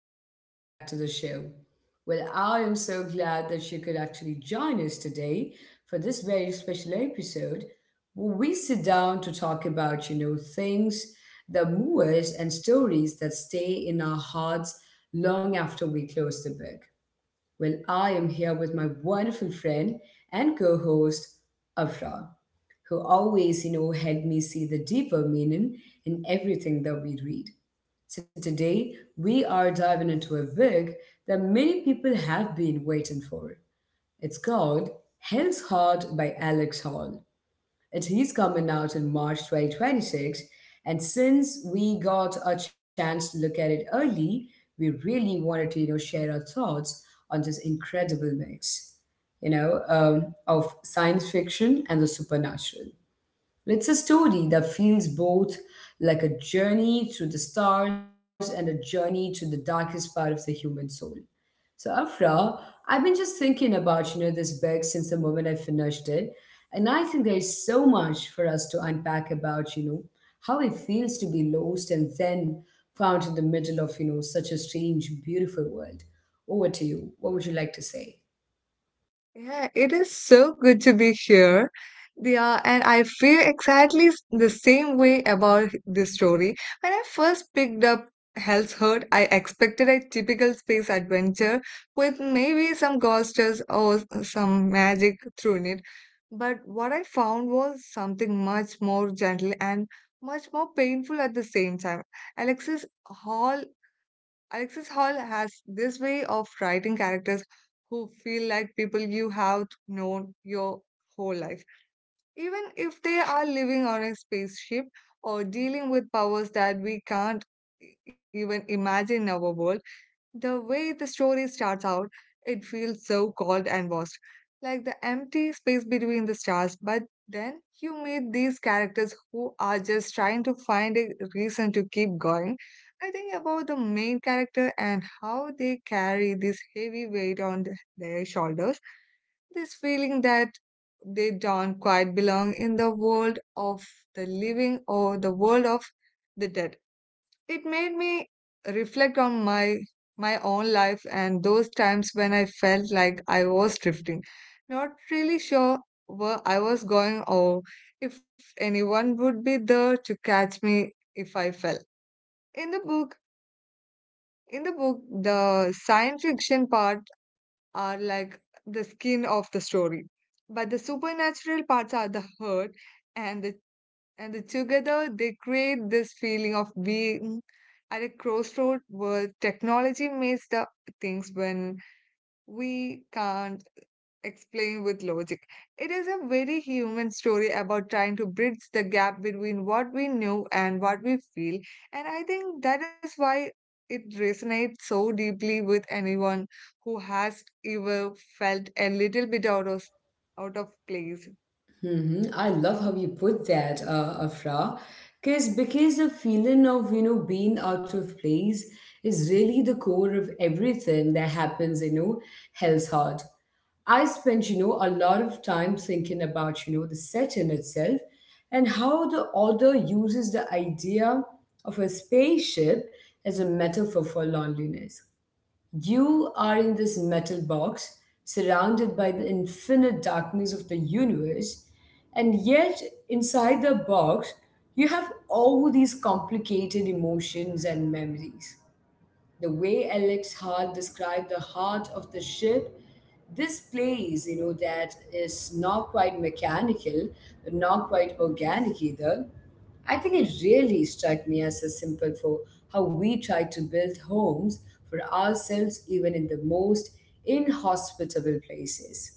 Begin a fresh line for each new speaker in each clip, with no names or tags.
welcome back to the show. I am so glad that you could actually join us today for this very special episode where we sit down to talk about, things that move us and stories that stay in our hearts long after we close the book. I am here with my wonderful friend and co host, Afra, who always, helped me see the deeper meaning in everything that we read. So today we are diving into a book that many people have been waiting for. It's called Hell's Heart by Alex Hall. It is coming out in March 2026, and since we got a chance to look at it early, we really wanted to share our thoughts on this incredible mix, of science fiction and the supernatural. It's a story that feels both like a journey to the stars and a journey to the darkest part of the human soul. So, Afra, I've been just thinking about this book since the moment I finished it, and I think there is so much for us to unpack about how it feels to be lost and then found in the middle of such a strange, beautiful world. Over to you. What would you like to say?
Yeah, it is so good to be here. Yeah, and I feel exactly the same way about this story. When I first picked up Hell's Hurt, I expected a typical space adventure with maybe some ghosters or some magic thrown it. But what I found was something much more gentle and much more painful at the same time. Alexis Hall Alexis Hall has this way of writing characters who feel like people you have known your whole life, even if they are living on a spaceship or dealing with powers that we can't even imagine in our world. The way the story starts out, it feels so cold and vast, like the empty space between the stars. But then you meet these characters who are just trying to find a reason to keep going. I think about the main character and how they carry this heavy weight on their shoulders, this feeling that they don't quite belong in the world of the living or the world of the dead. It made me reflect on my own life and those times when I felt like I was drifting, not really sure where I was going or if anyone would be there to catch me if I fell. In the book, in the book, the science fiction part are like the skin of the story, but the supernatural parts are the heart and the and together, they create this feeling of being at a crossroad where technology makes the things when we can't explain with logic. It is a very human story about trying to bridge the gap between what we know and what we feel. And I think that is why it resonates so deeply with anyone who has ever felt a little bit out of place.
Hmm, I love
Huh?
how you put that, Afra, because the feeling of being out of place is really the core of everything that happens in, Hell's Heart. I spent a lot of time thinking about the setting itself and how the author uses the idea of a spaceship as a metaphor for loneliness. You are in this metal box, surrounded by the infinite darkness of the universe, and yet inside the box, you have all these complicated emotions and memories. The way Alex Hart described the heart of the ship, this place, that is not quite mechanical, but not quite organic either. I think it really struck me as a symbol for how we try to build homes for ourselves, even in the most inhospitable places.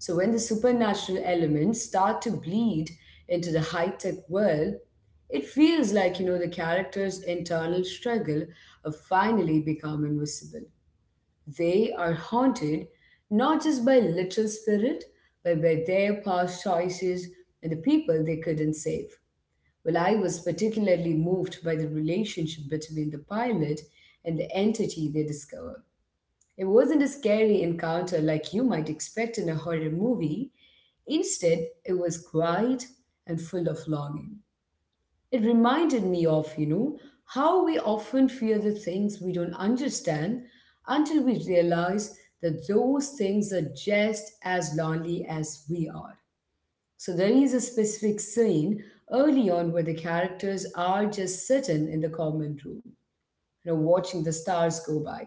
So when the supernatural elements start to bleed into the high-tech world, it feels like, the character's internal struggle of finally become invisible. They are haunted not just by literal spirit, but by their past choices and the people they couldn't save. I was particularly moved by the relationship between the pilot and the entity they discover. It wasn't a scary encounter like you might expect in a horror movie. Instead, it was quiet and full of longing. It reminded me of, how we often fear the things we don't understand until we realize that those things are just as lonely as we are. So there is a specific scene early on where the characters are just sitting in the common room, watching the stars go by.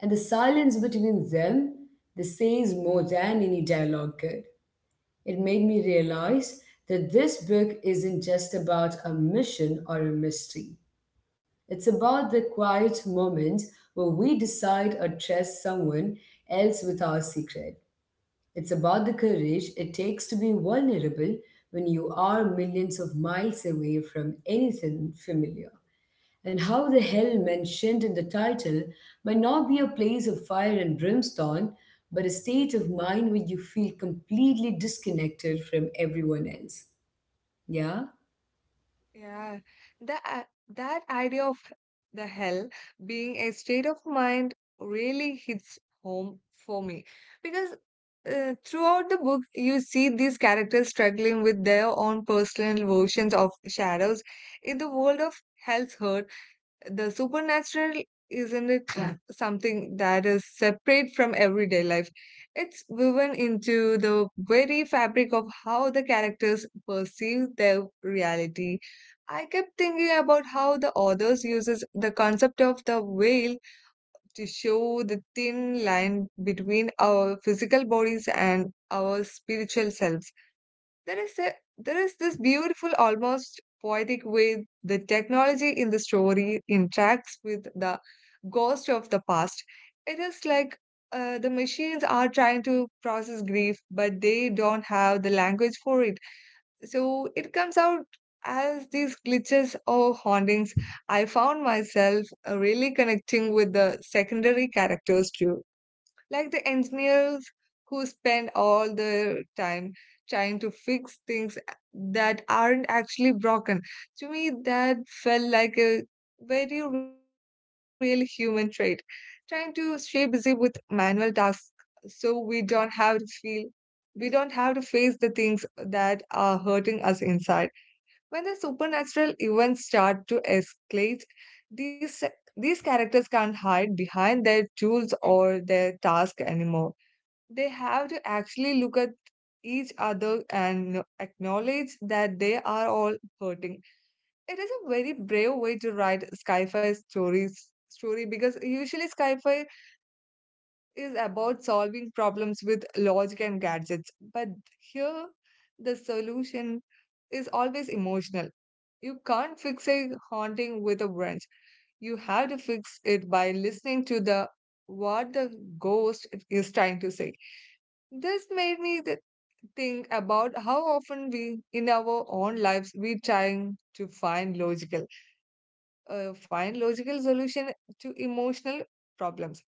And the silence between them, this says more than any dialogue could. It made me realize that this book isn't just about a mission or a mystery. It's about the quiet moment where we decide or trust someone else with our secret. It's about the courage it takes to be vulnerable when you are millions of miles away from anything familiar and how the hell mentioned in the title might not be a place of fire and brimstone, but a state of mind where you feel completely disconnected from everyone else. Yeah?
Yeah, that idea of the hell being a state of mind really hits home for me because throughout the book, you see these characters struggling with their own personal versions of shadows in the world of hell's the supernatural, isn't it, something that is separate from everyday life. It's woven into the very fabric of how the characters perceive their reality. I kept thinking about how the authors uses the concept of the veil to show the thin line between our physical bodies and our spiritual selves. there is a, there is this beautiful, almost poetic way the technology in the story interacts with the ghost of the past. It is like the machines are trying to process grief, but they don't have the language for it. So it comes out as these glitches or hauntings. I found myself really connecting with the secondary characters too, like the engineers who spend all their time trying to fix things that aren't actually broken. To me, that felt like a very real human trait, trying to stay busy with manual tasks so we don't have to face the things that are hurting us inside. When the supernatural events start to escalate, these, these characters can't hide behind their tools or their task anymore. They have to actually look at each other and acknowledge that they are all hurting. It is a very brave way to write sci-fi stories story because usually sci-fi is about solving problems with logic and gadgets. But here, the solution is always emotional. You can't fix a haunting with a wrench. You have to fix it by listening to the what the ghost is trying to say. This made me th- think about how often we, in our own lives, we trying to find find logical solution to emotional problems.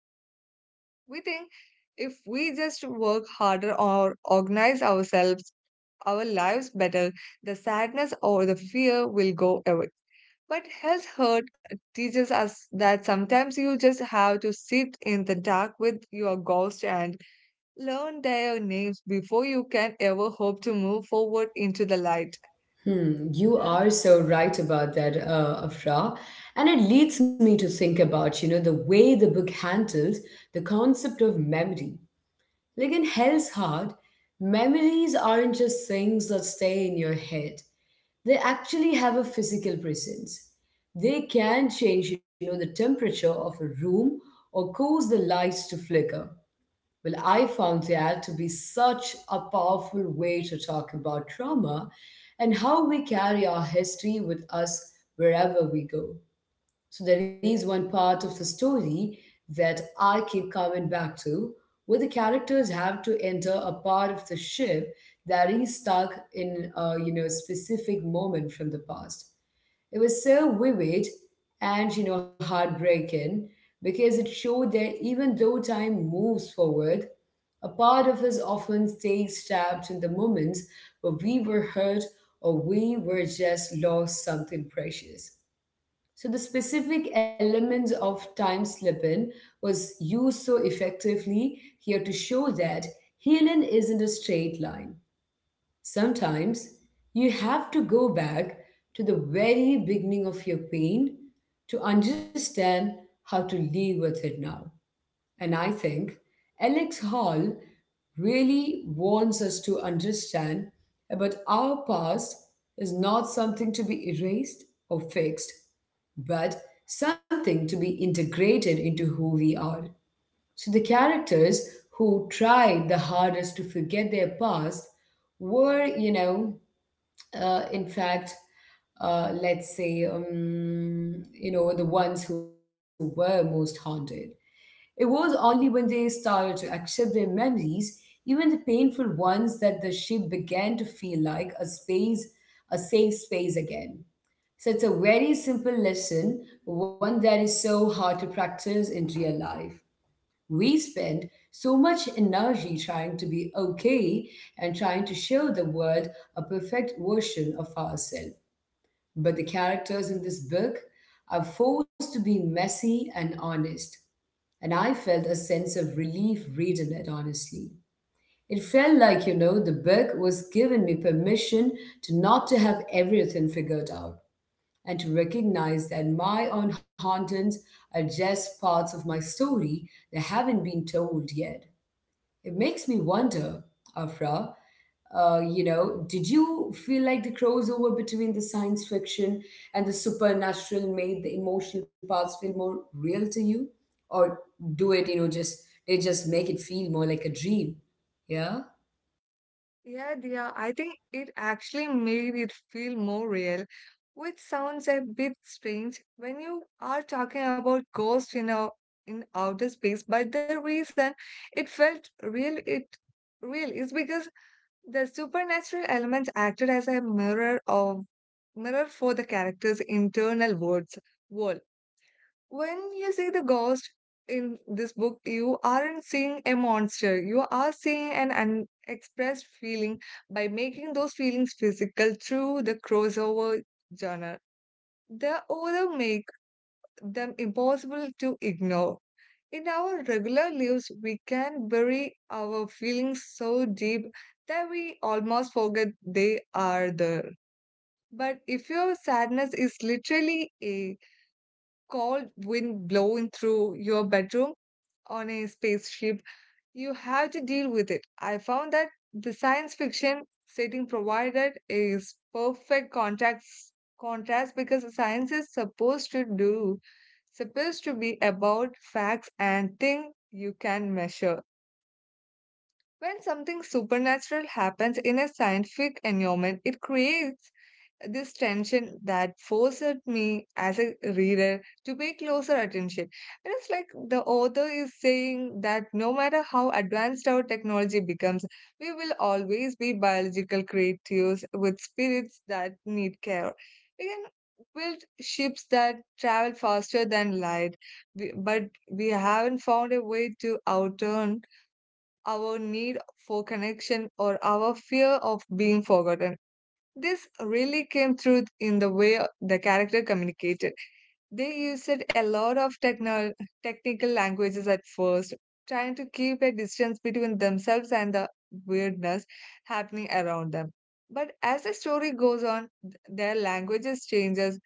We think if we just work harder or organize ourselves, our lives better, the sadness or the fear will go away. But health hurt teaches us that sometimes you just have to sit in the dark with your ghost and learn their names before you can ever hope to move forward into the light.
Hmm, you
Yeah.
are so right about that, Afra. And it leads me to think about, the way the book handles the concept of memory. Like in Hell's Heart, memories aren't just things that stay in your head. They actually have a physical presence. They can change, the temperature of a room or cause the lights to flicker. I found that to be such a powerful way to talk about trauma and how we carry our history with us wherever we go. So there is one part of the story that I keep coming back to, where the characters have to enter a part of the ship that is stuck in a specific moment from the past. It was so vivid and heartbreaking because it showed that even though time moves forward, a part of us often stays trapped in the moments where we were hurt or we were just lost something precious. So the specific elements of time slipping was used so effectively here to show that healing isn't a straight line. Sometimes you have to go back to the very beginning of your pain to understand how to live with it now. And I think Alex Hall really wants us to understand about our past is not something to be erased or fixed, but something to be integrated into who we are. So the characters who tried the hardest to forget their past were, in fact, let's say, you know, the ones who were most haunted. It was only when they started to accept their memories, even the painful ones, that the ship began to feel like a space, a safe space again. So it's a very simple lesson, one that is so hard to practice in real life. We spend so much energy trying to be okay and trying to show the world a perfect version of ourselves. But the characters in this book are forced to be messy and honest. And I felt a sense of relief reading it, honestly. It felt like, the book was giving me permission to not to have everything figured out and to recognize that my own hauntings are just parts of my story that haven't been told yet. It makes me wonder, Afra, did you feel like the crossover between the science fiction and the supernatural made the emotional parts feel more real to you? Or do it, just they just make it feel more like a dream? Yeah?
Yeah, I think it actually made it feel more real, which sounds a bit strange when you are talking about ghosts in our in outer space. But the reason it real is because the supernatural elements acted as a mirror for the character's internal world. When you see the ghost in this book, you aren't seeing a monster. You are seeing an unexpressed feeling. By making those feelings physical through the crossover genre, the author make them impossible to ignore. In our regular lives, we can bury our feelings so deep that we almost forget they are there. But if your sadness is literally a cold wind blowing through your bedroom, on a spaceship, you have to deal with it. I found that the science fiction setting provided is perfect contrast contrast because science is supposed to be about facts and things you can measure. When something supernatural happens in a scientific environment, it creates this tension that forced me as a reader to pay closer attention. And it's like the author is saying that no matter how advanced our technology becomes, we will always be biological creatures with spirits that need care. We can build ships that travel faster than light, but we haven't found a way to outturn our need for connection or our fear of being forgotten. This really came through in the way the character communicated. They used a lot of technical languages at first, trying to keep a distance between themselves and the weirdness happening around them. But as the story goes on, th- their languages changes.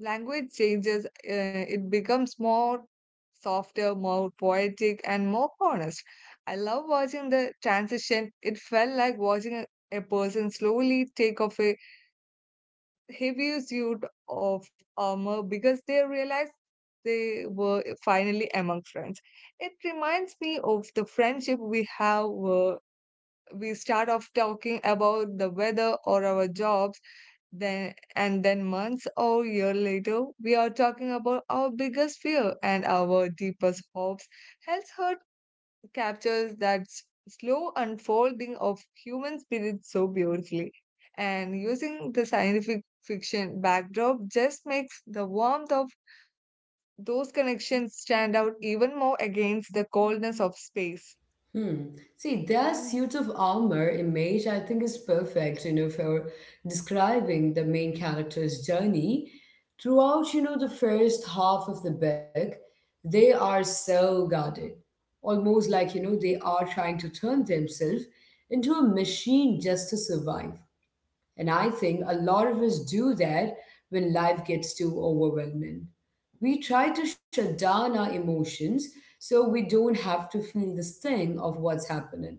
Language changes. It becomes more softer, more poetic, and more honest. I love watching the transition. It felt like watching a person slowly take off a heavy suit of armor because they realized they were finally among friends. It reminds me of the friendship we have. We start off talking about the weather or our jobs, then and then months or year later, we are talking about our biggest fear and our deepest hopes. Health hurt captures that slow unfolding of human spirit so beautifully. And using the scientific fiction backdrop just makes the warmth of those connections stand out even more against the coldness of space.
Hmm. See, their
Yeah,
suit of armor image, I think, is perfect, for describing the main character's journey. Throughout, the first half of the book, they are so guarded, almost like, they are trying to turn themselves into a machine just to survive. And I think a lot of us do that when life gets too overwhelming. We try to shut down our emotions so we don't have to feel the sting of what's happening.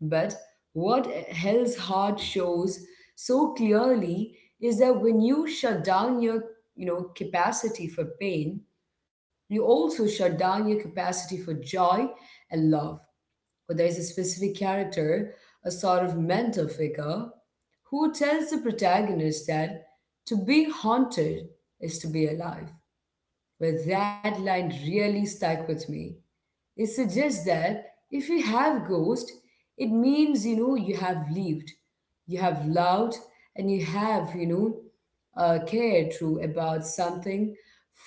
But what Hell's Heart shows so clearly is that when you shut down your capacity for pain, you also shut down your capacity for joy and love where there is a specific character, a sort of mentor figure, who tells the protagonist that to be haunted is to be alive. That line really stuck with me. It suggests that if you have ghost, it means you have lived, you have loved, and you have cared through about something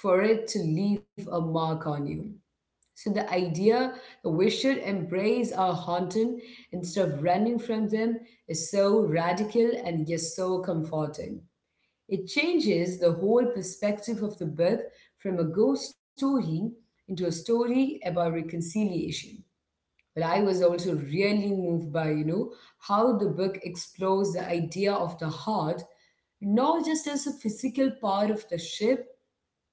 for it to leave a mark on you. So the idea that we should embrace our haunting instead of running from them is so radical and yet so comforting. It changes the whole perspective of the book from a ghost story into a story about reconciliation. But I was also really moved by, how the book explores the idea of the heart not just as a physical part of the ship,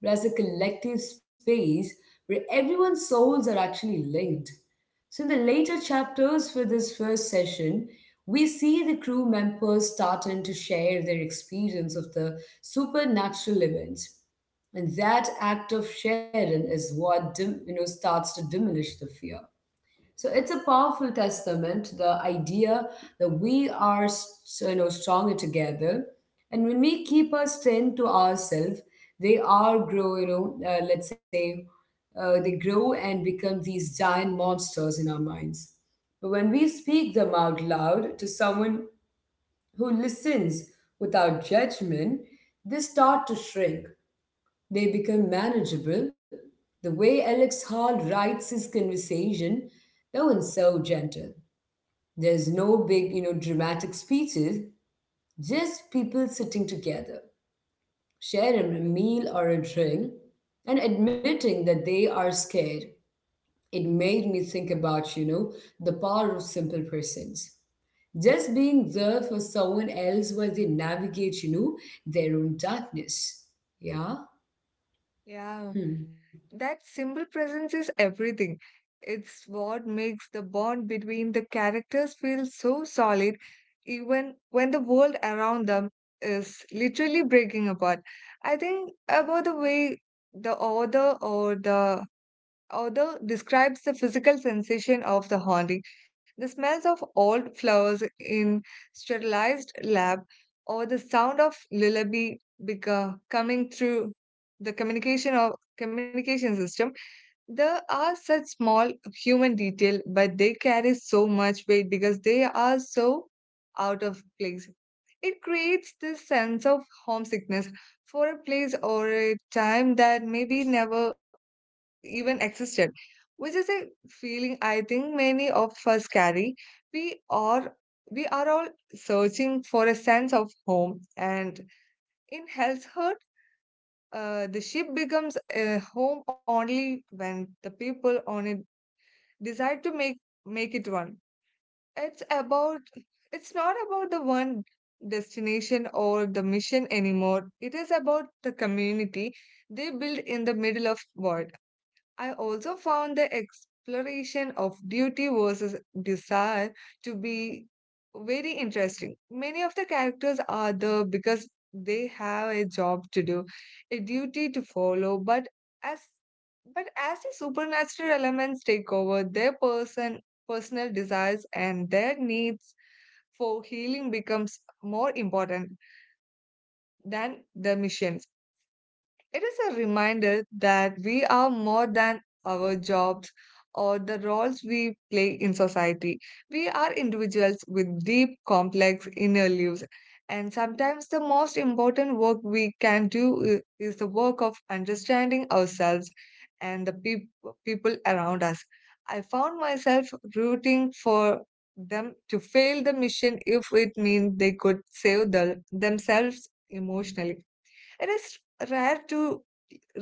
but as a collective space where everyone's souls are actually linked. So, in the later chapters for this first session, we see the crew members starting to share their experience of the supernatural events. And that act of sharing is what starts to diminish the fear. So it's a powerful testament, the idea that we are, stronger together. And when we keep our strength to ourselves, they are grow, you know, let's say, they grow and become these giant monsters in our minds. But when we speak them out loud to someone who listens without judgment, they start to shrink. They become manageable. The way Alex Hall writes his conversation, no one's so gentle. There's no big, dramatic speeches, just people sitting together, sharing a meal or a drink, and admitting that they are scared. It made me think about, the power of simple presence. Just being there for someone else while they navigate, their own darkness. Yeah?
yeah.
Hmm.
That simple presence is everything. It's what makes the bond between the characters feel so solid, even when the world around them is literally breaking apart. I think about the way the author or the author describes the physical sensation of the haunting, the smells of old flowers in sterilized lab, or the sound of lullaby coming through the communication system. There are such small human detail, but they carry so much weight because they are so out of place. It creates this sense of homesickness for a place or a time that maybe never even existed, which is a feeling I think many of us carry. We are we are all searching for a sense of home, and in Hell's Heart, the ship becomes a home only when the people on it decide to make it one. It's about, it's not about the one destination or the mission anymore. It is about the community they build in the middle of world. I also found the exploration of duty versus desire to be very interesting. Many of the characters are there because they have a job to do, a duty to follow, as but as the supernatural elements take over, their personal desires and their needs for healing becomes more important than the missions. It is a reminder that we are more than our jobs or the roles we play in society. We are individuals with deep, complex inner lives. And sometimes the most important work we can do is the work of understanding ourselves and the people around us. I found myself rooting for them to fail the mission if it means they could save themselves emotionally. It is rare to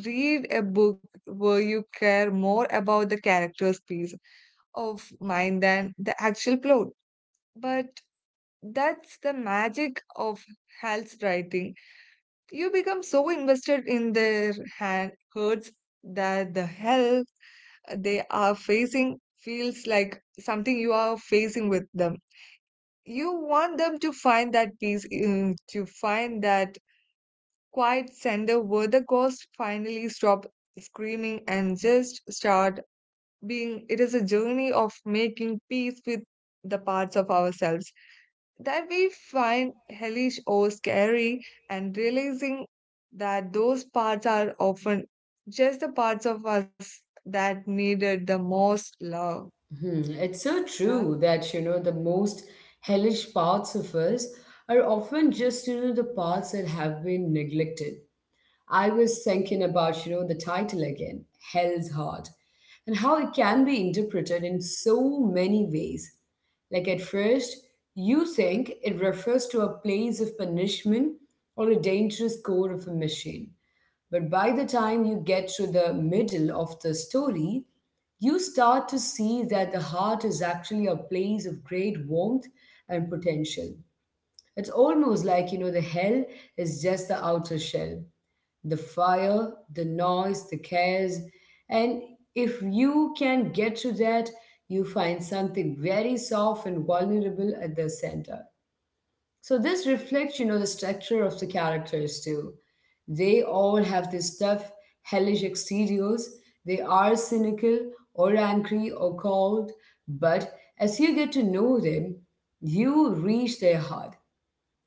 read a book where you care more about the character's peace of mind than the actual plot. But that's the magic of Hal's writing. You become so invested in their hurts that the hell they are facing feels like something you are facing with them. You want them to find that to find that quiet center where the ghost finally stop screaming and just start being. It is a journey of making peace with the parts of ourselves that we find hellish or scary and realizing that those parts are often just the parts of us that needed the most love.
Hmm, it's so
Yeah,
true that, the most hellish parts of us are often just, the parts that have been neglected. I was thinking about, the title again, Hell's Heart, and how it can be interpreted in so many ways. Like at first, you think it refers to a place of punishment or a dangerous core of a machine. But by the time you get to the middle of the story, you start to see that the heart is actually a place of great warmth and potential. It's almost like, you know, the hell is just the outer shell, the fire, the noise, the cares. And if you can get to that, you find something very soft and vulnerable at the center. So this reflects, you know, the structure of the characters too. They all have this tough, hellish exteriors. They are cynical or angry or cold, but as you get to know them, you reach their heart.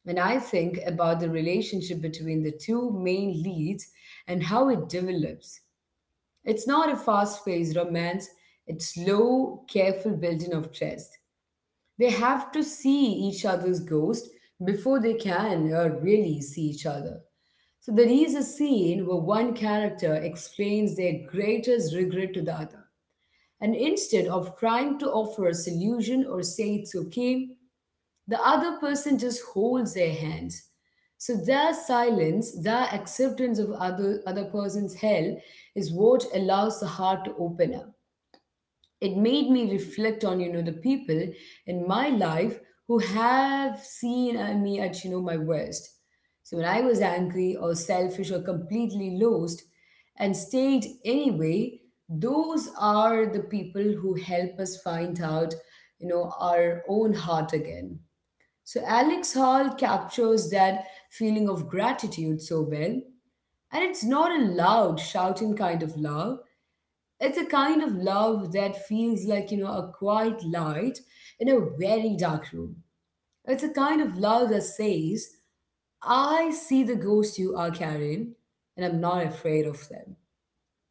And I think about the relationship between the two main leads and how it develops. It's not a fast paced romance, it's slow, careful building of trust. They have to see each other's ghost before they can really see each other. So there is a scene where one character explains their greatest regret to the other. And instead of trying to offer a solution or say it's okay, the other person just holds their hands. So their silence, their acceptance of other person's hell is what allows the heart to open up. It made me reflect on, you know, the people in my life who have seen me at, you know, my worst. So when I was angry or selfish or completely lost and stayed anyway, those are the people who help us find out, you know, our own heart again. So Alex Hall captures that feeling of gratitude so well, and it's not a loud shouting kind of love. It's a kind of love that feels like, you know, a quiet light in a very dark room. It's a kind of love that says, I see the ghost you are carrying, and I'm not afraid of them.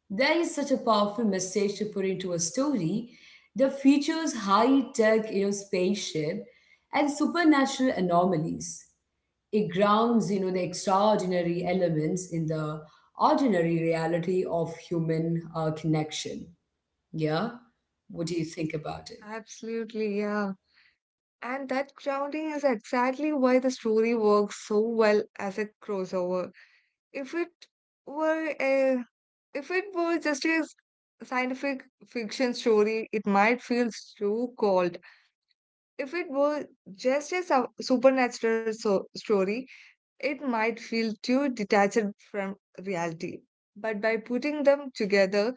That is such a powerful message to put into a story that features high tech, you know, spaceship and supernatural anomalies. It grounds, you know, the extraordinary elements in the ordinary reality of human connection. Yeah. What do you think about it?
absolutely. Yeah. And that grounding is exactly why the story works so well as a crossover. If it were a If it were just a scientific fiction story, it might feel too cold. If it were just a supernatural story, it might feel too detached from reality. But by putting them together,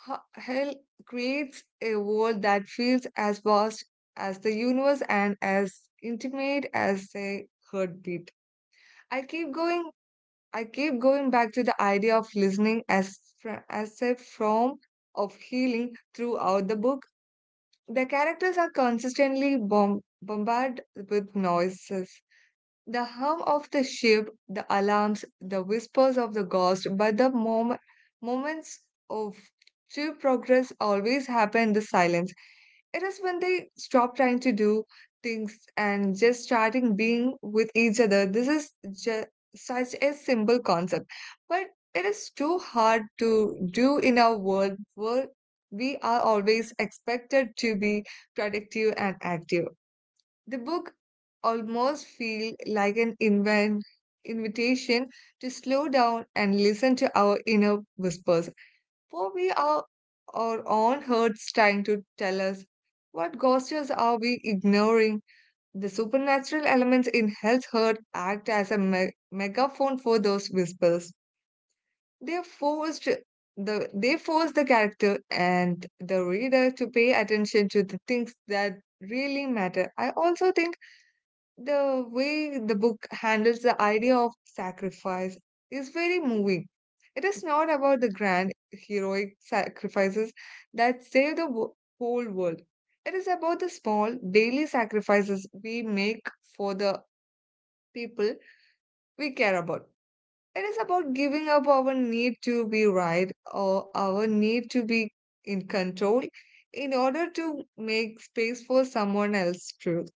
Hell creates a world that feels as vast as the universe and as intimate as a heartbeat. I keep going I keep going back to the idea of listening as as a form of healing throughout the book. The characters are consistently bombarded with noises. The hum of the ship, the alarms, the whispers of the ghost, but the moments of true progress always happen in the silence. It is when they stop trying to do things and just starting being with each other. This is just such a simple concept, but it is too hard to do in our world where we are always expected to be productive and active. The book almost feel like an invent invitation to slow down and listen to our inner whispers for we are our own hearts trying to tell us what gestures are we ignoring. The supernatural elements in Hell's herd act as a megaphone for those whispers. They forced they force the character and the reader to pay attention to the things that really matter. I also think the way the book handles the idea of sacrifice is very moving. It is not about the grand heroic sacrifices that save the whole world. It is about the small daily sacrifices we make for the people we care about. It is about giving up our need to be right or our need to be in control in order to make space for someone else's truth.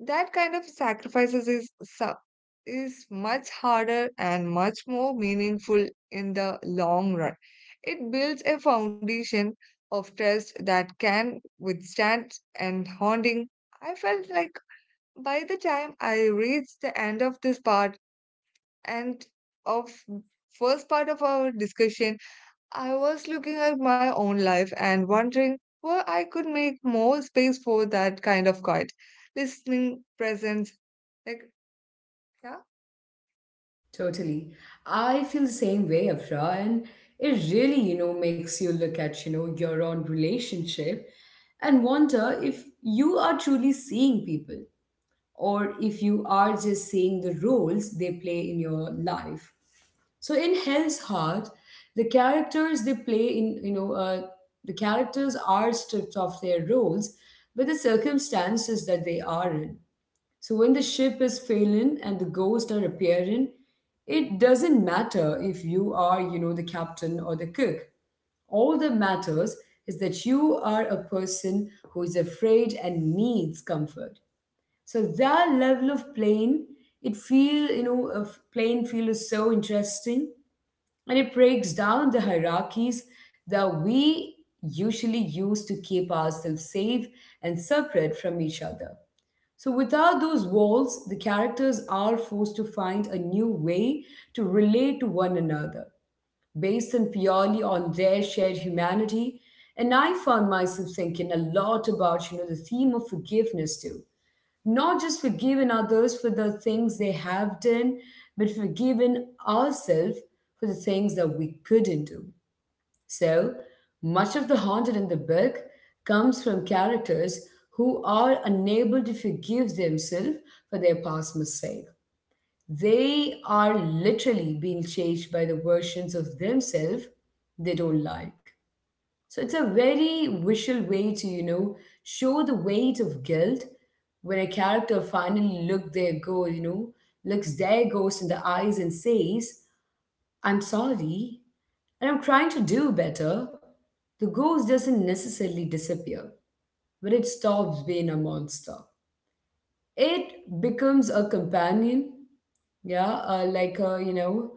That kind of sacrifices is much harder and much more meaningful in the long run. It builds a foundation of trust that can withstand and haunting. I felt like by the time I reached the end of this part and of first part of our discussion, I was looking at my own life and wondering where I could make more space for that kind of quiet listening presence, like, yeah,
Totally. I feel the same way, Afra, and it really, you know, makes you look at, you know, your own relationship and wonder if you are truly seeing people or if you are just seeing the roles they play in your life. So in Hell's Heart, the characters they play in, you know, the characters are stripped of their roles, but the circumstances that they are in. So when the ship is failing and the ghosts are appearing, it doesn't matter if you are, you know, the captain or the cook. All that matters is that you are a person who is afraid and needs comfort. So that level of plane, it feel, you know, of plane feel is so interesting, and it breaks down the hierarchies that we usually use to keep ourselves safe and separate from each other. So, without those walls, the characters are forced to find a new way to relate to one another based on purely on their shared humanity. And I found myself thinking a lot about, you know, the theme of forgiveness too. Not just forgiving others for the things they have done, but forgiving ourselves for the things that we couldn't do. So much of the haunted in the book comes from characters who are unable to forgive themselves for their past mistake. They are literally being chased by the versions of themselves they don't like. So it's a very visual way to, you know, show the weight of guilt. When a character finally look their go, you know, looks their ghost in the eyes and says, I'm sorry, and I'm trying to do better. The ghost doesn't necessarily disappear, but it stops being a monster. It becomes a companion, yeah, like a, you know,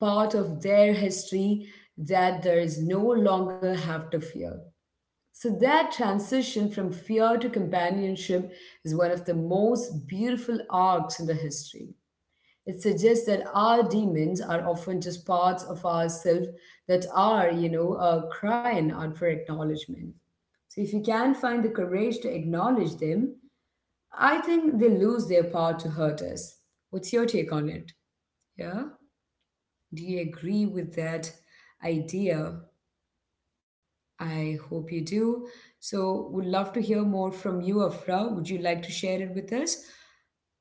part of their history that there is no longer have to fear. So that transition from fear to companionship is one of the most beautiful arcs in the history. It suggests that our demons are often just parts of ourselves that are, you know, crying out for acknowledgement. So if you can find the courage to acknowledge them, I think they lose their power to hurt us. What's your take on it? Yeah? Do you agree with that idea? I hope you do. So would love to hear more from you, Afra. Would you like to share it with us?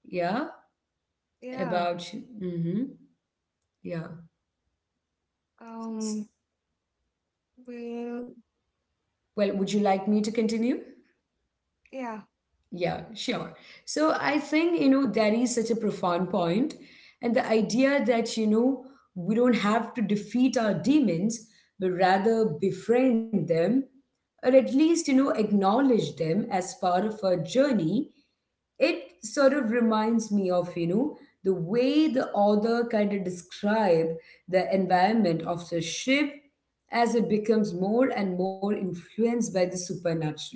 Yeah?
yeah.
About mm-hmm. Yeah.
Um, well,
Well, would you like me to continue?
yeah,
Yeah, sure. So I think, you know, that is such a profound point. And the idea that, you know, we don't have to defeat our demons, but rather befriend them, or at least, you know, acknowledge them as part of our journey, it sort of reminds me of, you know, the way the author kind of describe the environment of the ship. As it becomes more and more influenced by the supernatural,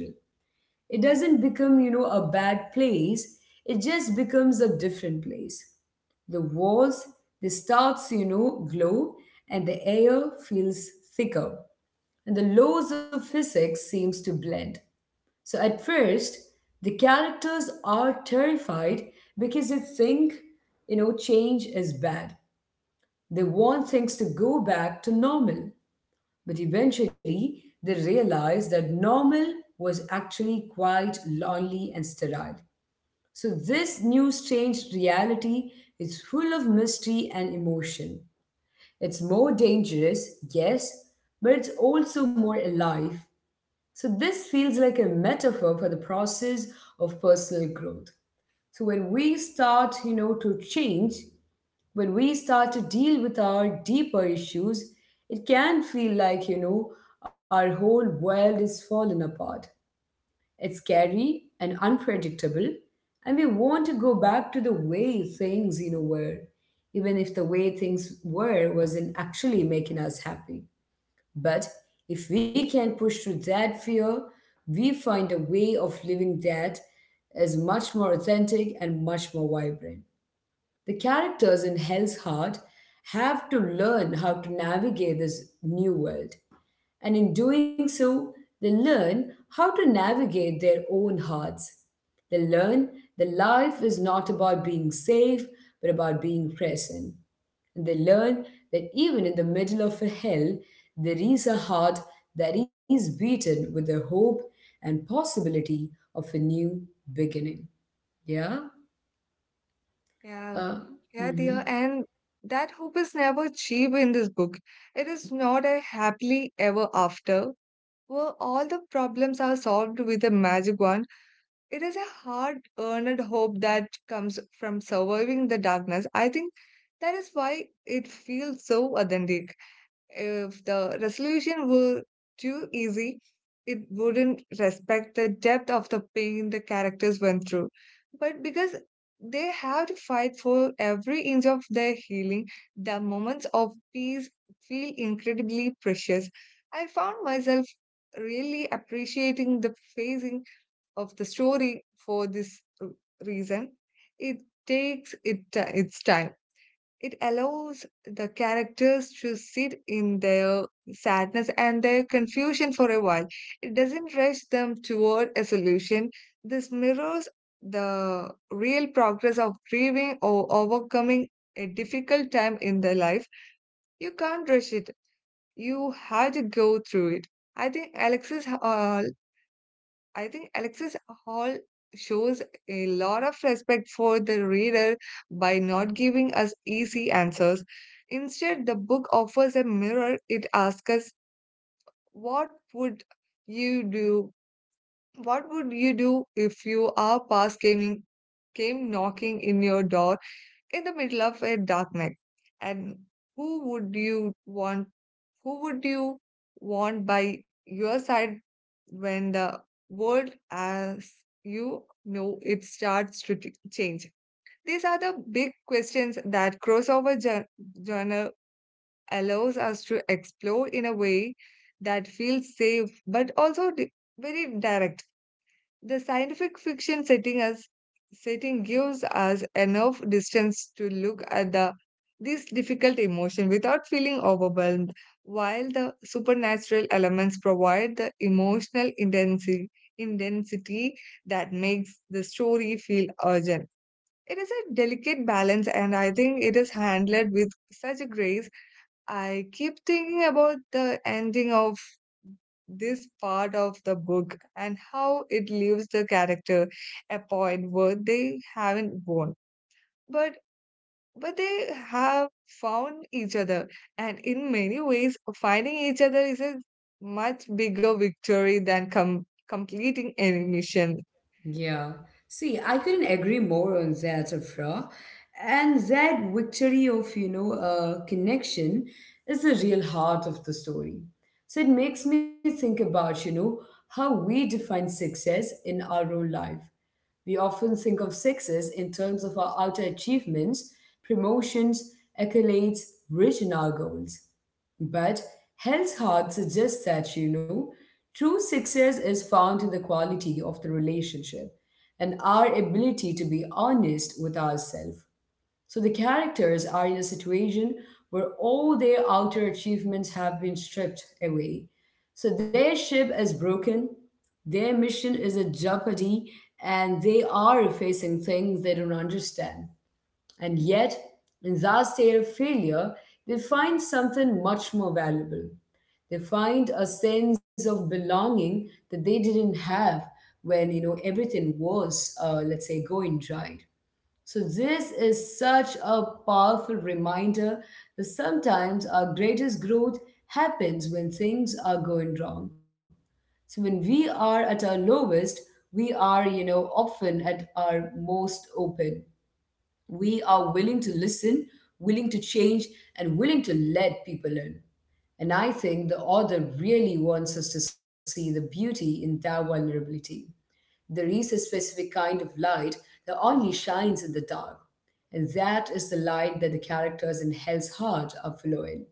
it doesn't become, you know, a bad place. It just becomes a different place. The walls, the stars, you know, glow, and the air feels thicker. And the laws of physics seems to blend. So at first, the characters are terrified because they think, you know, change is bad. They want things to go back to normal. But eventually, they realized that normal was actually quite lonely and sterile. So, this new strange reality is full of mystery and emotion. It's more dangerous, yes, but it's also more alive. So, this feels like a metaphor for the process of personal growth. So, when we start, you know, to change, when we start to deal with our deeper issues, it can feel like, you know, our whole world is falling apart. It's scary and unpredictable, and we want to go back to the way things, you know, were, even if the way things were wasn't actually making us happy. But if we can push through that fear, we find a way of living that is much more authentic and much more vibrant. The characters in Hell's Heart have to learn how to navigate this new world, and in doing so, they learn how to navigate their own hearts. They learn that life is not about being safe, but about being present. And they learn that even in the middle of a hell, there is a heart that is beaten with the hope and possibility of a new beginning. Yeah?
yeah,
Uh,
yeah,
mhm.
dear. And that hope is never cheap in this book. It is not a happily ever after where all the problems are solved with a magic wand. It is a hard-earned hope that comes from surviving the darkness. I think that is why it feels so authentic. If the resolution were too easy, it wouldn't respect the depth of the pain the characters went through. But because they have to fight for every inch of their healing, the moments of peace feel incredibly precious. I found myself really appreciating the phasing of the story for this reason. It its time. It allows the characters to sit in their sadness and their confusion for a while. It doesn't rush them toward a solution. This mirrors the real progress of grieving or overcoming a difficult time in their life. You can't rush it. You have to go through it. I think Alexis uh, I think Alexis Hall shows a lot of respect for the reader by not giving us easy answers. Instead, the book offers a mirror. It asks us, what would you do? What would you do if you are past gaming came knocking in your door in the middle of a dark night? And who would you want? Who would you want by your side when the world as you know it starts to change? These are the big questions that crossover journal allows us to explore in a way that feels safe but also very direct. The scientific fiction setting gives us enough distance to look at the this difficult emotion without feeling overwhelmed, while the supernatural elements provide the emotional intensity that makes the story feel urgent. It is a delicate balance, and I think it is handled with such grace. I keep thinking about the ending of this part of the book and how it leaves the character a point where they haven't won, but but they have found each other, and in many ways finding each other is a much bigger victory than completing any mission.
Yeah. See, I couldn't agree more on that, Afra. And that victory of, you know, connection is the real heart of the story. So it makes me think about, you know, how we define success in our own life. We often think of success in terms of our outer achievements, promotions, accolades, reaching our goals. But Hell's Heart suggests that, you know, true success is found in the quality of the relationship and our ability to be honest with ourselves. So the characters are in a situation where all their outer achievements have been stripped away. So their ship is broken, their mission is a jeopardy, and they are facing things they don't understand. And yet, in that state of failure, they find something much more valuable. They find a sense of belonging that they didn't have when, you know, everything was, let's say, going right. So, this is such a powerful reminder that sometimes our greatest growth happens when things are going wrong. So, when we are at our lowest, we are, you know, often at our most open. We are willing to listen, willing to change, and willing to let people in. And I think the author really wants us to see the beauty in that vulnerability. There is a specific kind of light that only shines in the dark, and that is the light that the characters in Hell's Heart are following.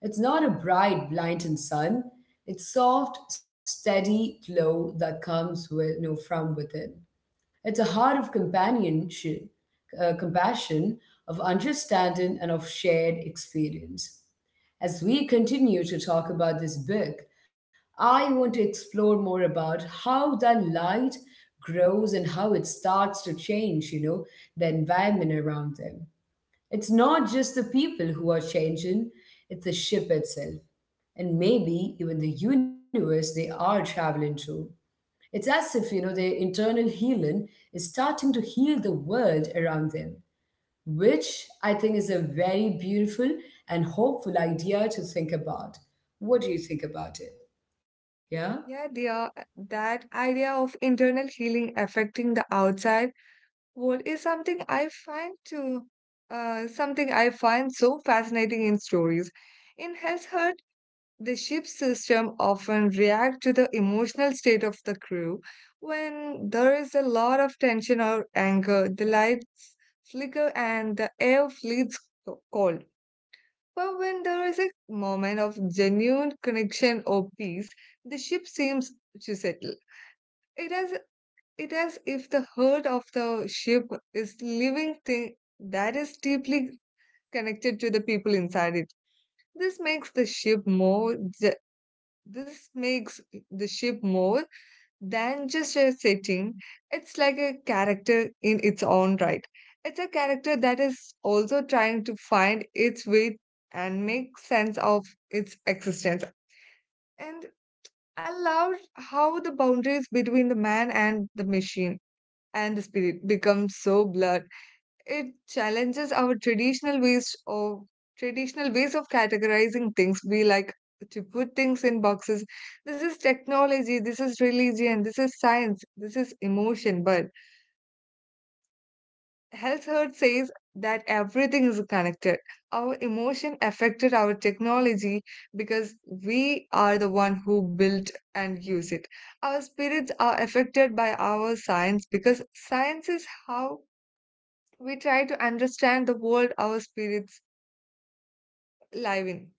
It's not a bright, blinding sun. It's soft, steady glow that comes with, you know, from within. It's a heart of companionship, compassion, of understanding, and of shared experience. As we continue to talk about this book, I want to explore more about how that light grows and how it starts to change, you know, the environment around them. It's not just the people who are changing, it's the ship itself, and maybe even the universe they are traveling through. It's as if, you know, their internal healing is starting to heal the world around them, which I think is a very beautiful and hopeful idea to think about. What do you think about it? Yeah?
Yeah, dear. That idea of internal healing affecting the outside. What is something I find to something I find so fascinating in stories. In Hell's Heart, the ship's system often react to the emotional state of the crew. When there is a lot of tension or anger, the lights flicker and the air feels cold. But when there is a moment of genuine connection or peace, the ship seems to settle. It has it as if the heart of the ship is living thing that is deeply connected to the people inside it. This makes the ship more ju- this makes the ship more than just a setting. It's like a character in its own right. It's a character that is also trying to find its way and make sense of its existence. And I loved how the boundaries between the man and the machine and the spirit becomes so blurred. It challenges our traditional ways of categorizing things. We like to put things in boxes. This is technology, this is religion, this is science, this is emotion. But Health Herd says that everything is connected. Our emotion affected our technology because we are the one who built and use it. Our spirits are affected by our science because science is how we try to understand the world our spirits live in.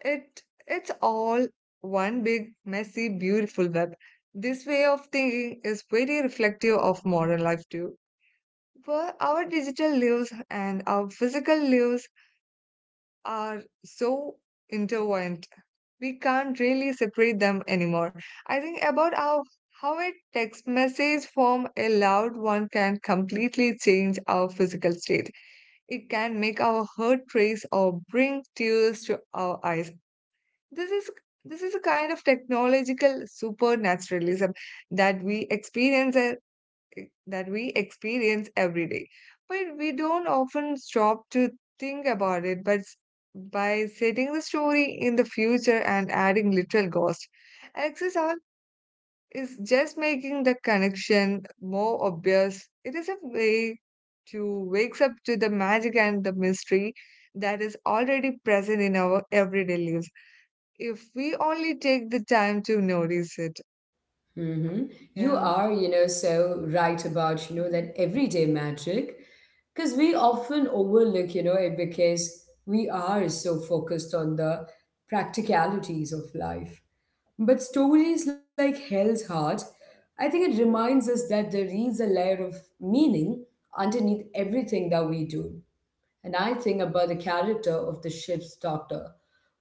It's all one big, messy, beautiful web. This way of thinking is very reflective of modern life too. Where our digital lives and our physical lives are so intertwined. We can't really separate them anymore. I think about how a text message from a loved one can completely change our physical state. It can make our heart race or bring tears to our eyes. This is this is a kind of technological supernaturalism that we experience e- that we experience every day. But we don't often stop to think about it. By setting the story in the future and adding little ghost, Alexis, our is just making the connection more obvious. It is a way to wakes up to the magic and the mystery that is already present in our everyday lives if we only take the time to notice it.
Mm-hmm. You
Yeah.
are, you know, so right about, you know,
Mhm.
that everyday magic because we often overlook, you know, it because we are so focused on the practicalities of life. But stories like Hell's Heart, I think it reminds us that there is a layer of meaning underneath everything that we do. And I think about the character of the ship's doctor,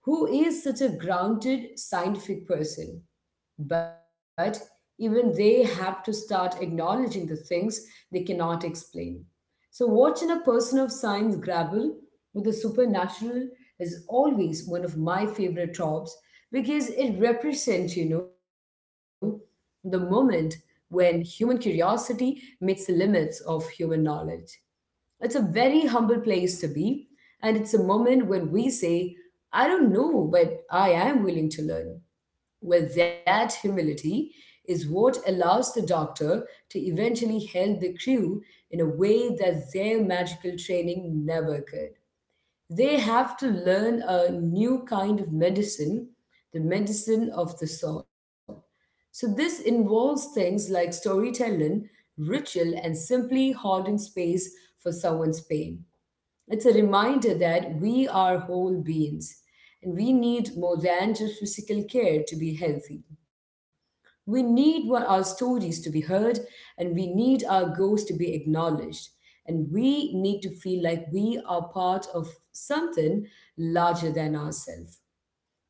who is such a grounded, scientific person. But even they have to start acknowledging the things they cannot explain. So, watching a person of science grapple with the supernatural is always one of my favorite tropes because it represents, the moment when human curiosity meets the limits of human knowledge. It's a very humble place to be, and it's a moment when we say, I don't know, but I am willing to learn. Well, that humility is what allows the doctor to eventually help the crew in a way that their magical training never could. They have to learn a new kind of medicine, the medicine of the soul. So, this involves things like storytelling, ritual, and simply holding space for someone's pain. It's a reminder that we are whole beings and we need more than just physical care to be healthy. We need what our stories to be heard, and we need our goals to be acknowledged, and we need to feel like we are part of something larger than ourselves.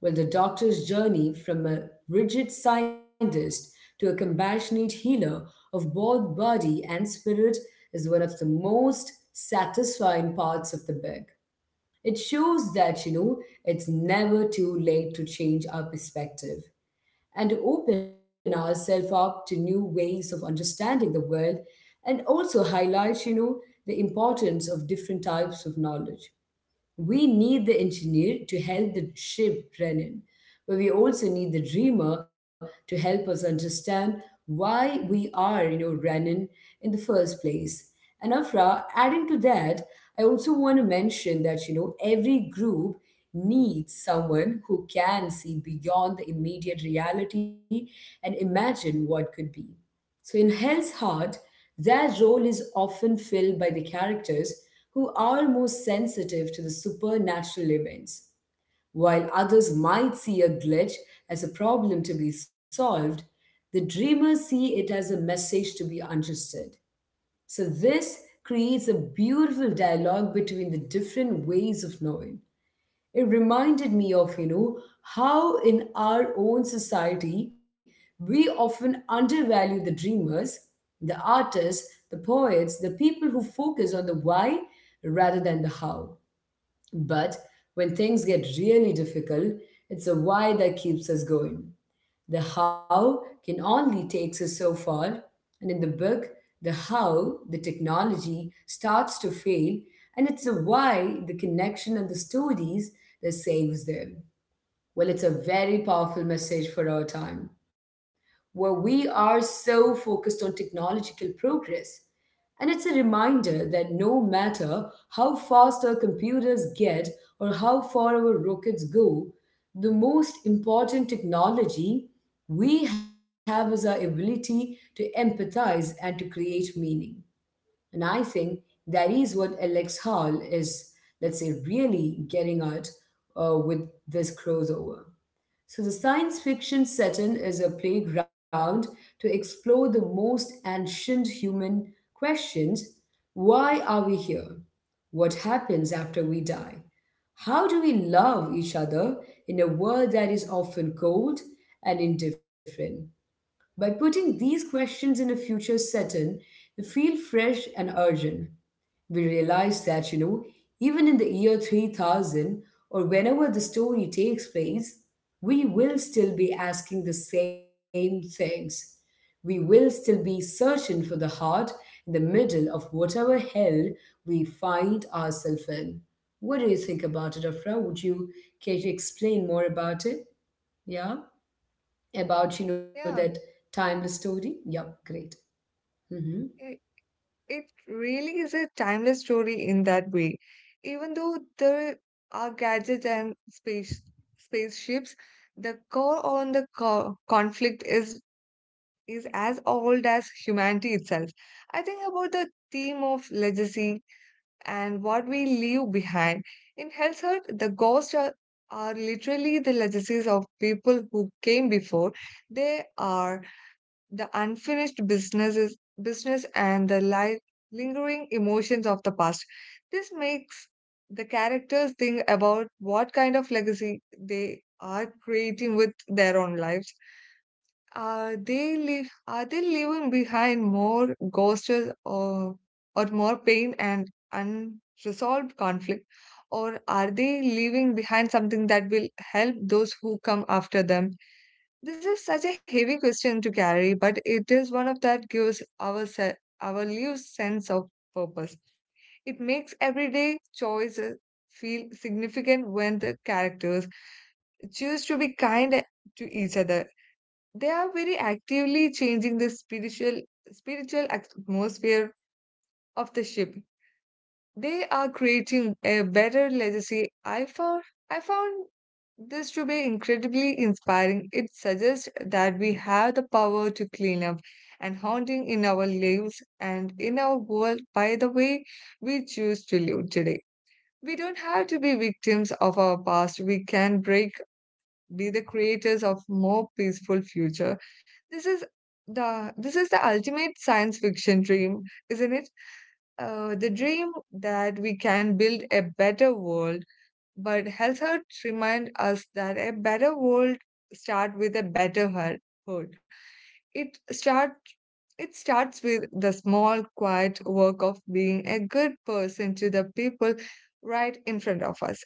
Well, the doctor's journey from a rigid scientist to a compassionate healer of both body and spirit is one of the most satisfying parts of the book. It shows that, it's never too late to change our perspective and to open ourselves up to new ways of understanding the world and also highlight, the importance of different types of knowledge. We need the engineer to help the ship run in, but we also need the dreamer to help us understand why we are, running in the first place. And Afra, adding to that, I also want to mention that, every group needs someone who can see beyond the immediate reality and imagine what could be. So, in Hell's Heart, their role is often filled by the characters who are more sensitive to the supernatural events. While others might see a glitch as a problem to be solved, the dreamers see it as a message to be understood. So, this creates a beautiful dialogue between the different ways of knowing. It reminded me of, how in our own society we often undervalue the dreamers, the artists, the poets, the people who focus on the why rather than the how. But when things get really difficult, it's a why that keeps us going. The how can only take us so far. And in the book, the how, the technology, starts to fail, and it's the why, the connection, and the stories that saves them. Well, it's a very powerful message for our time, where we are so focused on technological progress. And it's a reminder that no matter how fast our computers get or how far our rockets go, the most important technology we have is our ability to empathize and to create meaning. And I think that is what Alex Hall is, let's say, really getting at with this crossover. So, the science fiction setting is a playground to explore the most ancient human questions: why are we here? What happens after we die? How do we love each other in a world that is often cold and indifferent? By putting these questions in a future setting, you feel fresh and urgent. We realize that, even in the year 3000 or whenever the story takes place, we will still be asking the same things. We will still be searching for the heart in the middle of whatever hell we find ourselves in. What do you think about it, Afra? Would you care to explain more about it? Yeah, about that
Yeah.
timeless story. Yup, great. Mm-hmm.
It, it really is a timeless story in that way. Even though there are gadgets and spaceships, the core on the conflict is as old as humanity itself. I think about the theme of legacy and what we leave behind. In Hell's Heart, the ghosts are literally the legacies of people who came before. They are the business and the lingering emotions of the past. This makes the characters think about what kind of legacy they are creating with their own lives. Are they leaving behind more ghosts, or or more pain and unresolved conflict, or are they leaving behind something that will help those who come after them? This is such a heavy question to carry, but it is one of that gives our lives sense of purpose. It makes everyday choices feel significant. When the characters choose to be kind to each other, they are very actively changing the spiritual atmosphere of the ship. They are creating a better legacy. I found this to be incredibly inspiring. It suggests that we have the power to clean up and haunting in our lives and in our world by the way we choose to live today. We don't have to be victims of our past. We can break be the creators of more peaceful future. This is this is the ultimate science fiction dream, isn't it? The dream that we can build a better world, but health hurt remind us that a better world start with a better heart. It start it starts with the small, quiet work of being a good person to the people right in front of us.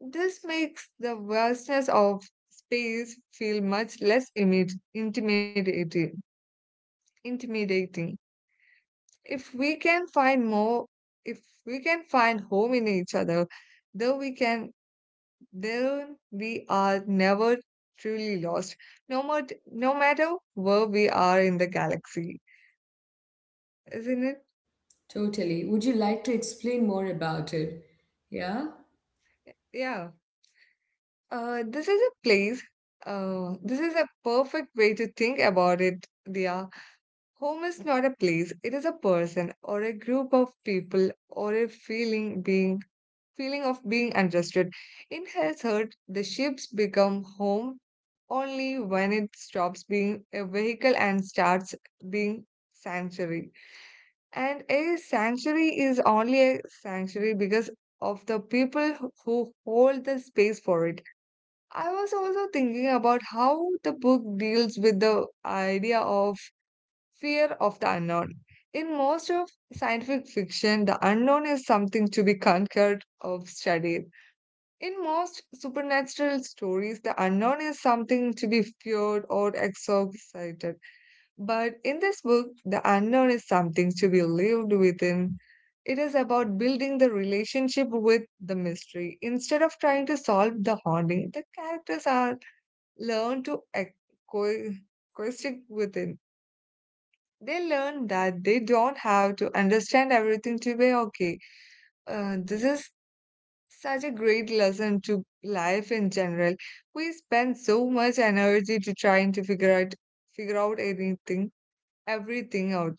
This makes the vastness of space feel much less intimidating. Intimidating. If we can find more, If we can find home in each other, though we can, then we are never truly lost. No matter where we are in the galaxy, isn't it?
Totally. Would you like to explain more about it? Yeah.
Yeah. This is a place. This is a perfect way to think about it, Dia. Home is not a place, it is a person or a group of people or a feeling of being understood. In his heart, the ships become home only when it stops being a vehicle and starts being sanctuary. And a sanctuary is only a sanctuary because of the people who hold the space for it. I was also thinking about how the book deals with the idea of fear of the unknown. In most of scientific fiction, the unknown is something to be conquered or studied. In most supernatural stories, the unknown is something to be feared or exorcised. But in this book, the unknown is something to be lived within. It is about building the relationship with the mystery. Instead of trying to solve the haunting, the characters are learn to ex- co- coexist within. They learn that they don't have to understand everything to be okay. This is such a great lesson to life in general. We spend so much energy to trying to figure out everything out,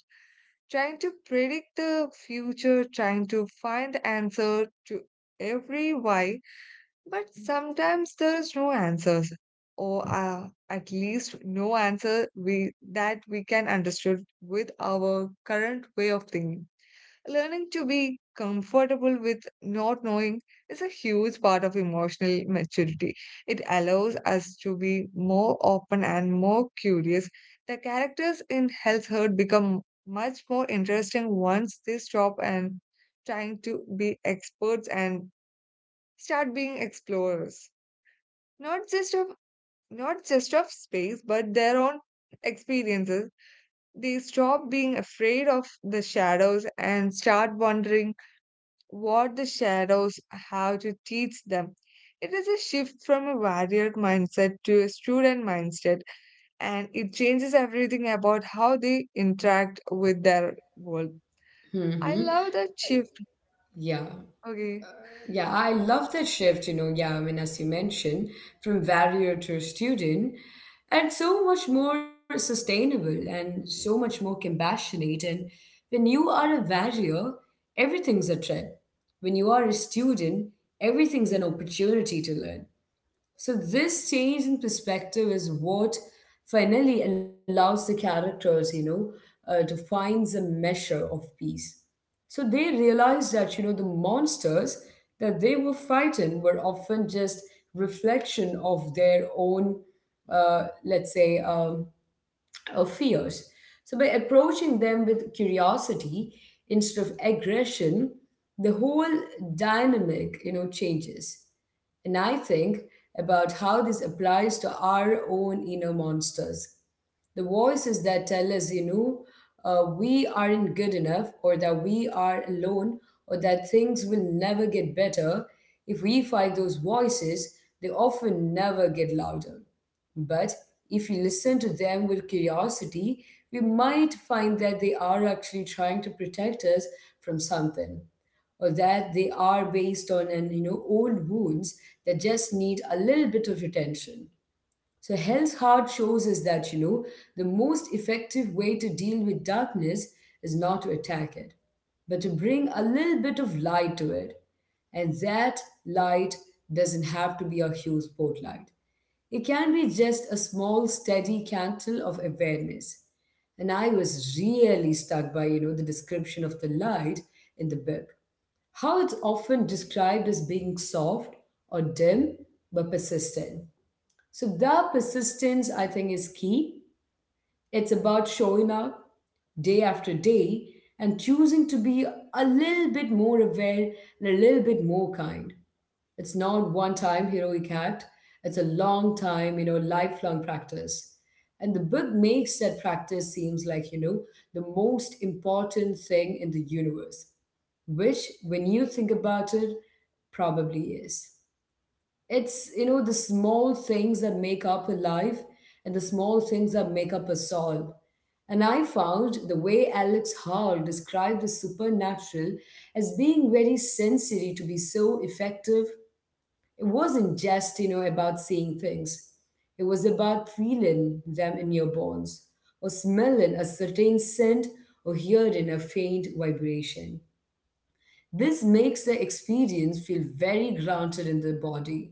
trying to predict the future, trying to find the answer to every why, but sometimes there is no answers, or at least no answer we that we can understand with our current way of thinking. Learning to be comfortable with not knowing is a huge part of emotional maturity. It allows us to be more open and more curious. The characters in Hell's Herd become much more interesting once they stop and trying to be experts and start being explorers, not just of not just of space but their own experiences. They stop being afraid of the shadows and start wondering what the shadows have to teach them. It is a shift from a warrior mindset to a student mindset, and it changes everything about how they interact with their world. I
Mm-hmm.
love that shift.
Yeah.
Okay.
Yeah, I love that shift. Yeah, I mean, as you mentioned, from warrior to student, and so much more sustainable and so much more compassionate. And when you are a warrior, everything's a threat. When you are a student, everything's an opportunity to learn. So this change in perspective is what finally allows the characters, to find the measure of peace. So they realized that, the monsters that they were fighting were often just reflection of their own, let's say, fears. So, by approaching them with curiosity instead of aggression, the whole dynamic, changes. And I think about how this applies to our own inner monsters. The voices that tell us, we aren't good enough, or that we are alone, or that things will never get better. If we fight those voices, they often never get louder. But if we listen to them with curiosity, we might find that they are actually trying to protect us from something, or that they are based on an old wounds that just need a little bit of attention. So Hell's Heart shows us that, the most effective way to deal with darkness is not to attack it, but to bring a little bit of light to it. And that light doesn't have to be a huge spotlight. It can be just a small, steady candle of awareness. And I was really struck by, the description of the light in the book. How it's often described as being soft or dim but persistent. So the persistence, I think, is key. It's about showing up day after day and choosing to be a little bit more aware and a little bit more kind. It's not one time heroic act, it's a long time, lifelong practice. And the book makes that practice seems like, the most important thing in the universe, which when you think about it, probably is. It's the small things that make up a life and the small things that make up a soul. And I found the way Alex Hall described the supernatural as being very sensory to be so effective, it wasn't just, about seeing things. It was about feeling them in your bones, or smelling a certain scent, or hearing a faint vibration. This makes the experience feel very grounded in the body.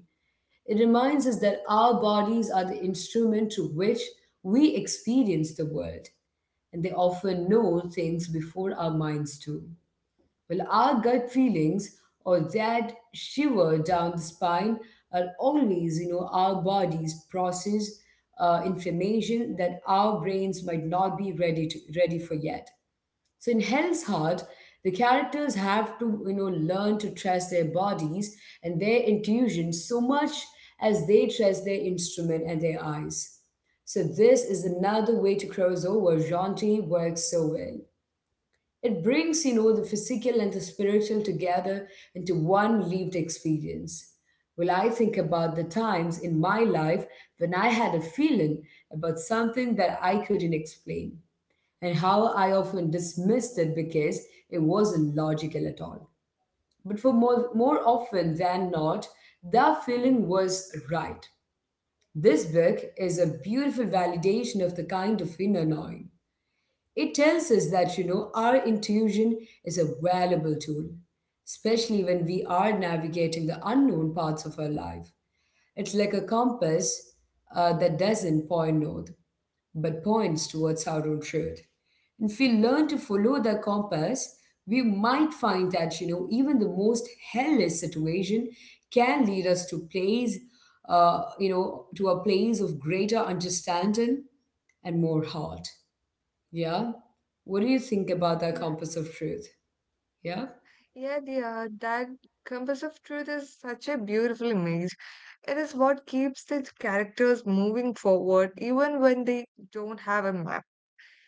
It reminds us that our bodies are the instrument through which we experience the world, and they often know things before our minds do. Well, our gut feelings or that shiver down the spine are always, our bodies process information that our brains might not be ready to ready for yet. So in Hell's Heart, the characters have to, learn to trust their bodies and their intuition so much as they trust their instrument and their eyes. So this is another way to cross over Jaunty works so well. It brings, the physical and the spiritual together into one lived experience. Well, I think about the times in my life when I had a feeling about something that I couldn't explain and how I often dismissed it because it wasn't logical at all. But for more, more often than not, that feeling was right. This book is a beautiful validation of the kind of inner knowing. It tells us that, our intuition is a valuable tool, especially when we are navigating the unknown parts of our life. It's like a compass that doesn't point north but points towards our own truth. And if we learn to follow the compass, we might find that even the most hellish situation can lead us to place, to a place of greater understanding and more heart. Yeah, what do you think about that
Yeah,
compass of truth? Yeah.
yeah, dear, that compass of truth is such a beautiful image. It is what keeps the characters moving forward even when they don't have a map.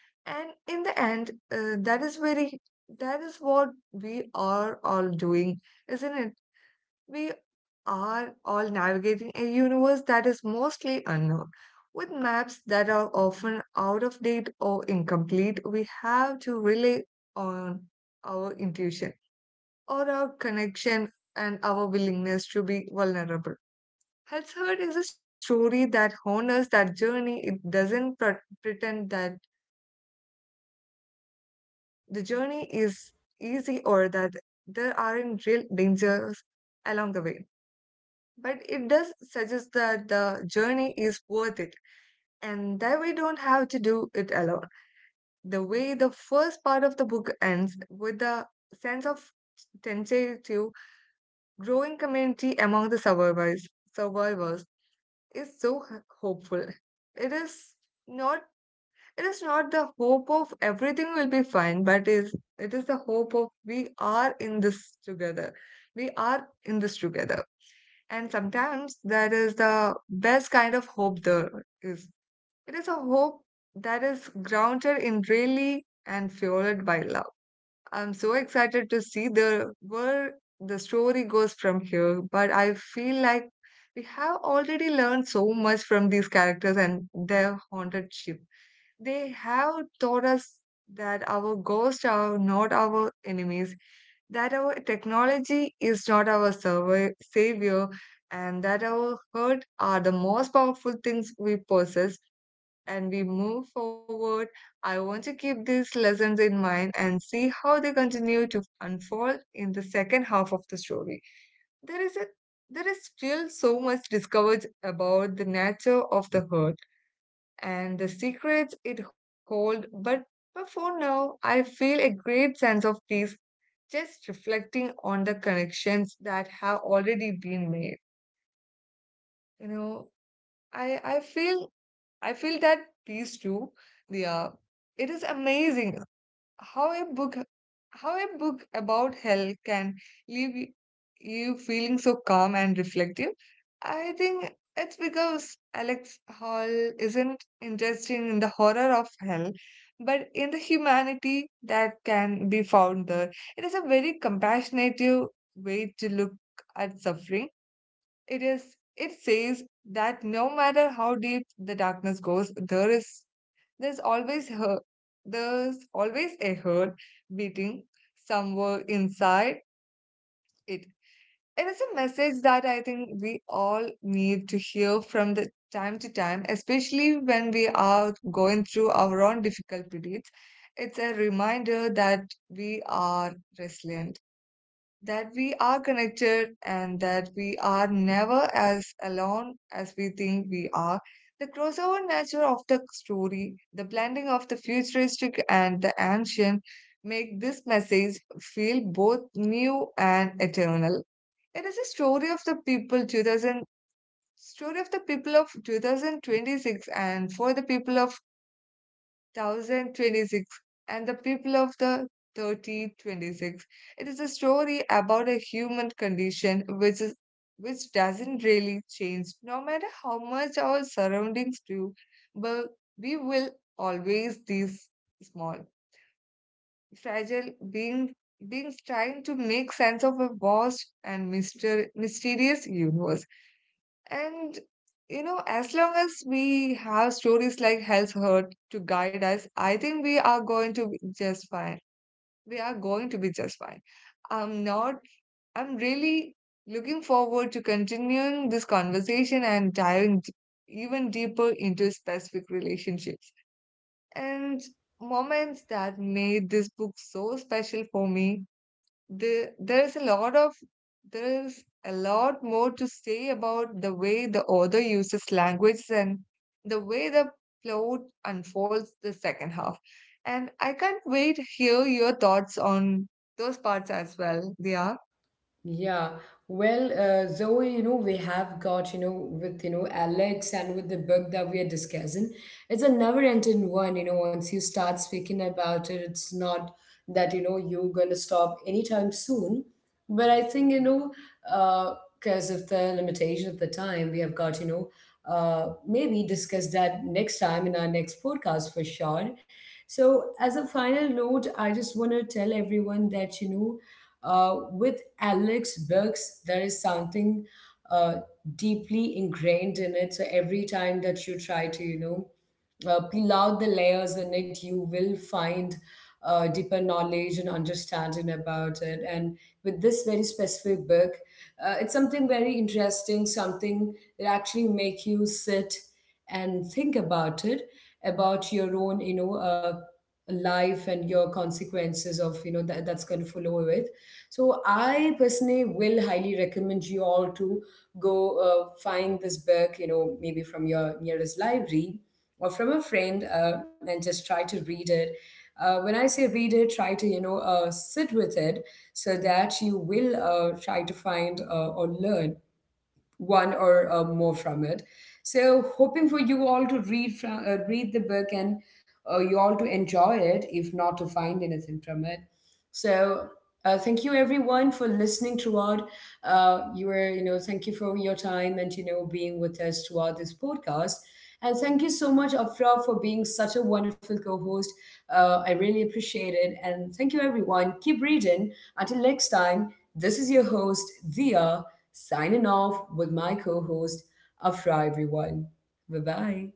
And in the end, that is what we are all doing, isn't it? We are all navigating a universe that is mostly unknown. With maps that are often out of date or incomplete, we have to rely on our intuition or our connection and our willingness to be vulnerable. Healthhood is a story that honors that journey. It doesn't pretend that the journey is easy or that there aren't real dangers along the way. But it does suggest that the journey is worth it and that we don't have to do it alone. The way the first part of the book ends with the sense of tentative growing community among the survivors is so hopeful. It is not it is not the hope of everything will be fine, but is it is the hope of we are in this together. We are in this together. And sometimes that is the best kind of hope there is. It is a hope that is grounded in really and fueled by love. I'm so excited to see the where the story goes from here, but I feel like we have already learned so much from these characters and their haunted ship. They have taught us that our ghosts are not our enemies, that our technology is not our savior, and that our hurt are the most powerful things we possess, and we move forward, I want to keep these lessons in mind and see how they continue to unfold in the second half of the story. There is a there is still so much discovered about the nature of the herd and the secrets it holds, but for now, I feel a great sense of peace just reflecting on the connections that have already been made. You know, I I feel I feel that peace too. Yeah, it is amazing how a book how a book about hell can leave you feeling so calm and reflective. I think it's because Alex Hall isn't interested in the horror of hell but in the humanity that can be found there. It is a very compassionate way to look at suffering. It is it says that no matter how deep the darkness goes, there is there's always her there's always a heart beating somewhere inside it. It is a message that I think we all need to hear from the time to time, especially when we are going through our own difficult periods. It's a reminder that we are resilient, that we are connected, and that we are never as alone as we think we are. The crossover nature of the story, the blending of the futuristic and the ancient, make this message feel both new and eternal. It is a story of the people of 2026 and for the people of 1026 and the people of the 3026. It is a story about a human condition which is which doesn't really change no matter how much our surroundings do, but we will always these small, fragile being beings trying to make sense of a vast and mysterious universe. And you know, as long as we have stories like Hell's Hurt to guide us, I think we are going to be just fine. We are going to be just fine. I'm not, I'm really looking forward to continuing this conversation and diving even deeper into specific relationships and moments that made this book so special for me. the there is a lot of there is a lot more to say about the way the author uses language and the way the plot unfolds the second half. And I can't wait to hear your thoughts on those parts as well, Dia.
Yeah, well, Zoe, we have got, with, Alex and with the book that we are discussing, it's a never-ending one, once you start speaking about it, it's not that, you're going to stop anytime soon. But I think, because of the limitation of the time, we have got, maybe discuss that next time in our next podcast for sure. So, as a final note, I just want to tell everyone that, with Alex Bergs, there is something uh, deeply ingrained in it. So every time that you try to, peel out the layers in it, you will find deeper knowledge and understanding about it. And with this very specific book, it's something very interesting, something that actually make you sit and think about it, about your own, life and your consequences of that that's going to follow with so I personally will highly recommend you all to go find this book maybe from your nearest library or from a friend, and just try to read it. When I say read it, try to, sit with it so that you will try to find or learn one or more from it. So, hoping for you all to read the book and you all to enjoy it, if not to find anything from it. So, thank you everyone for listening throughout. You were, thank you for your time and being with us throughout this podcast. And thank you so much, Afra, for being such a wonderful co-host. I really appreciate it. And thank you, everyone. Keep reading. Until next time, this is your host, Dia, signing off with my co host. Afra, everyone. Bye bye.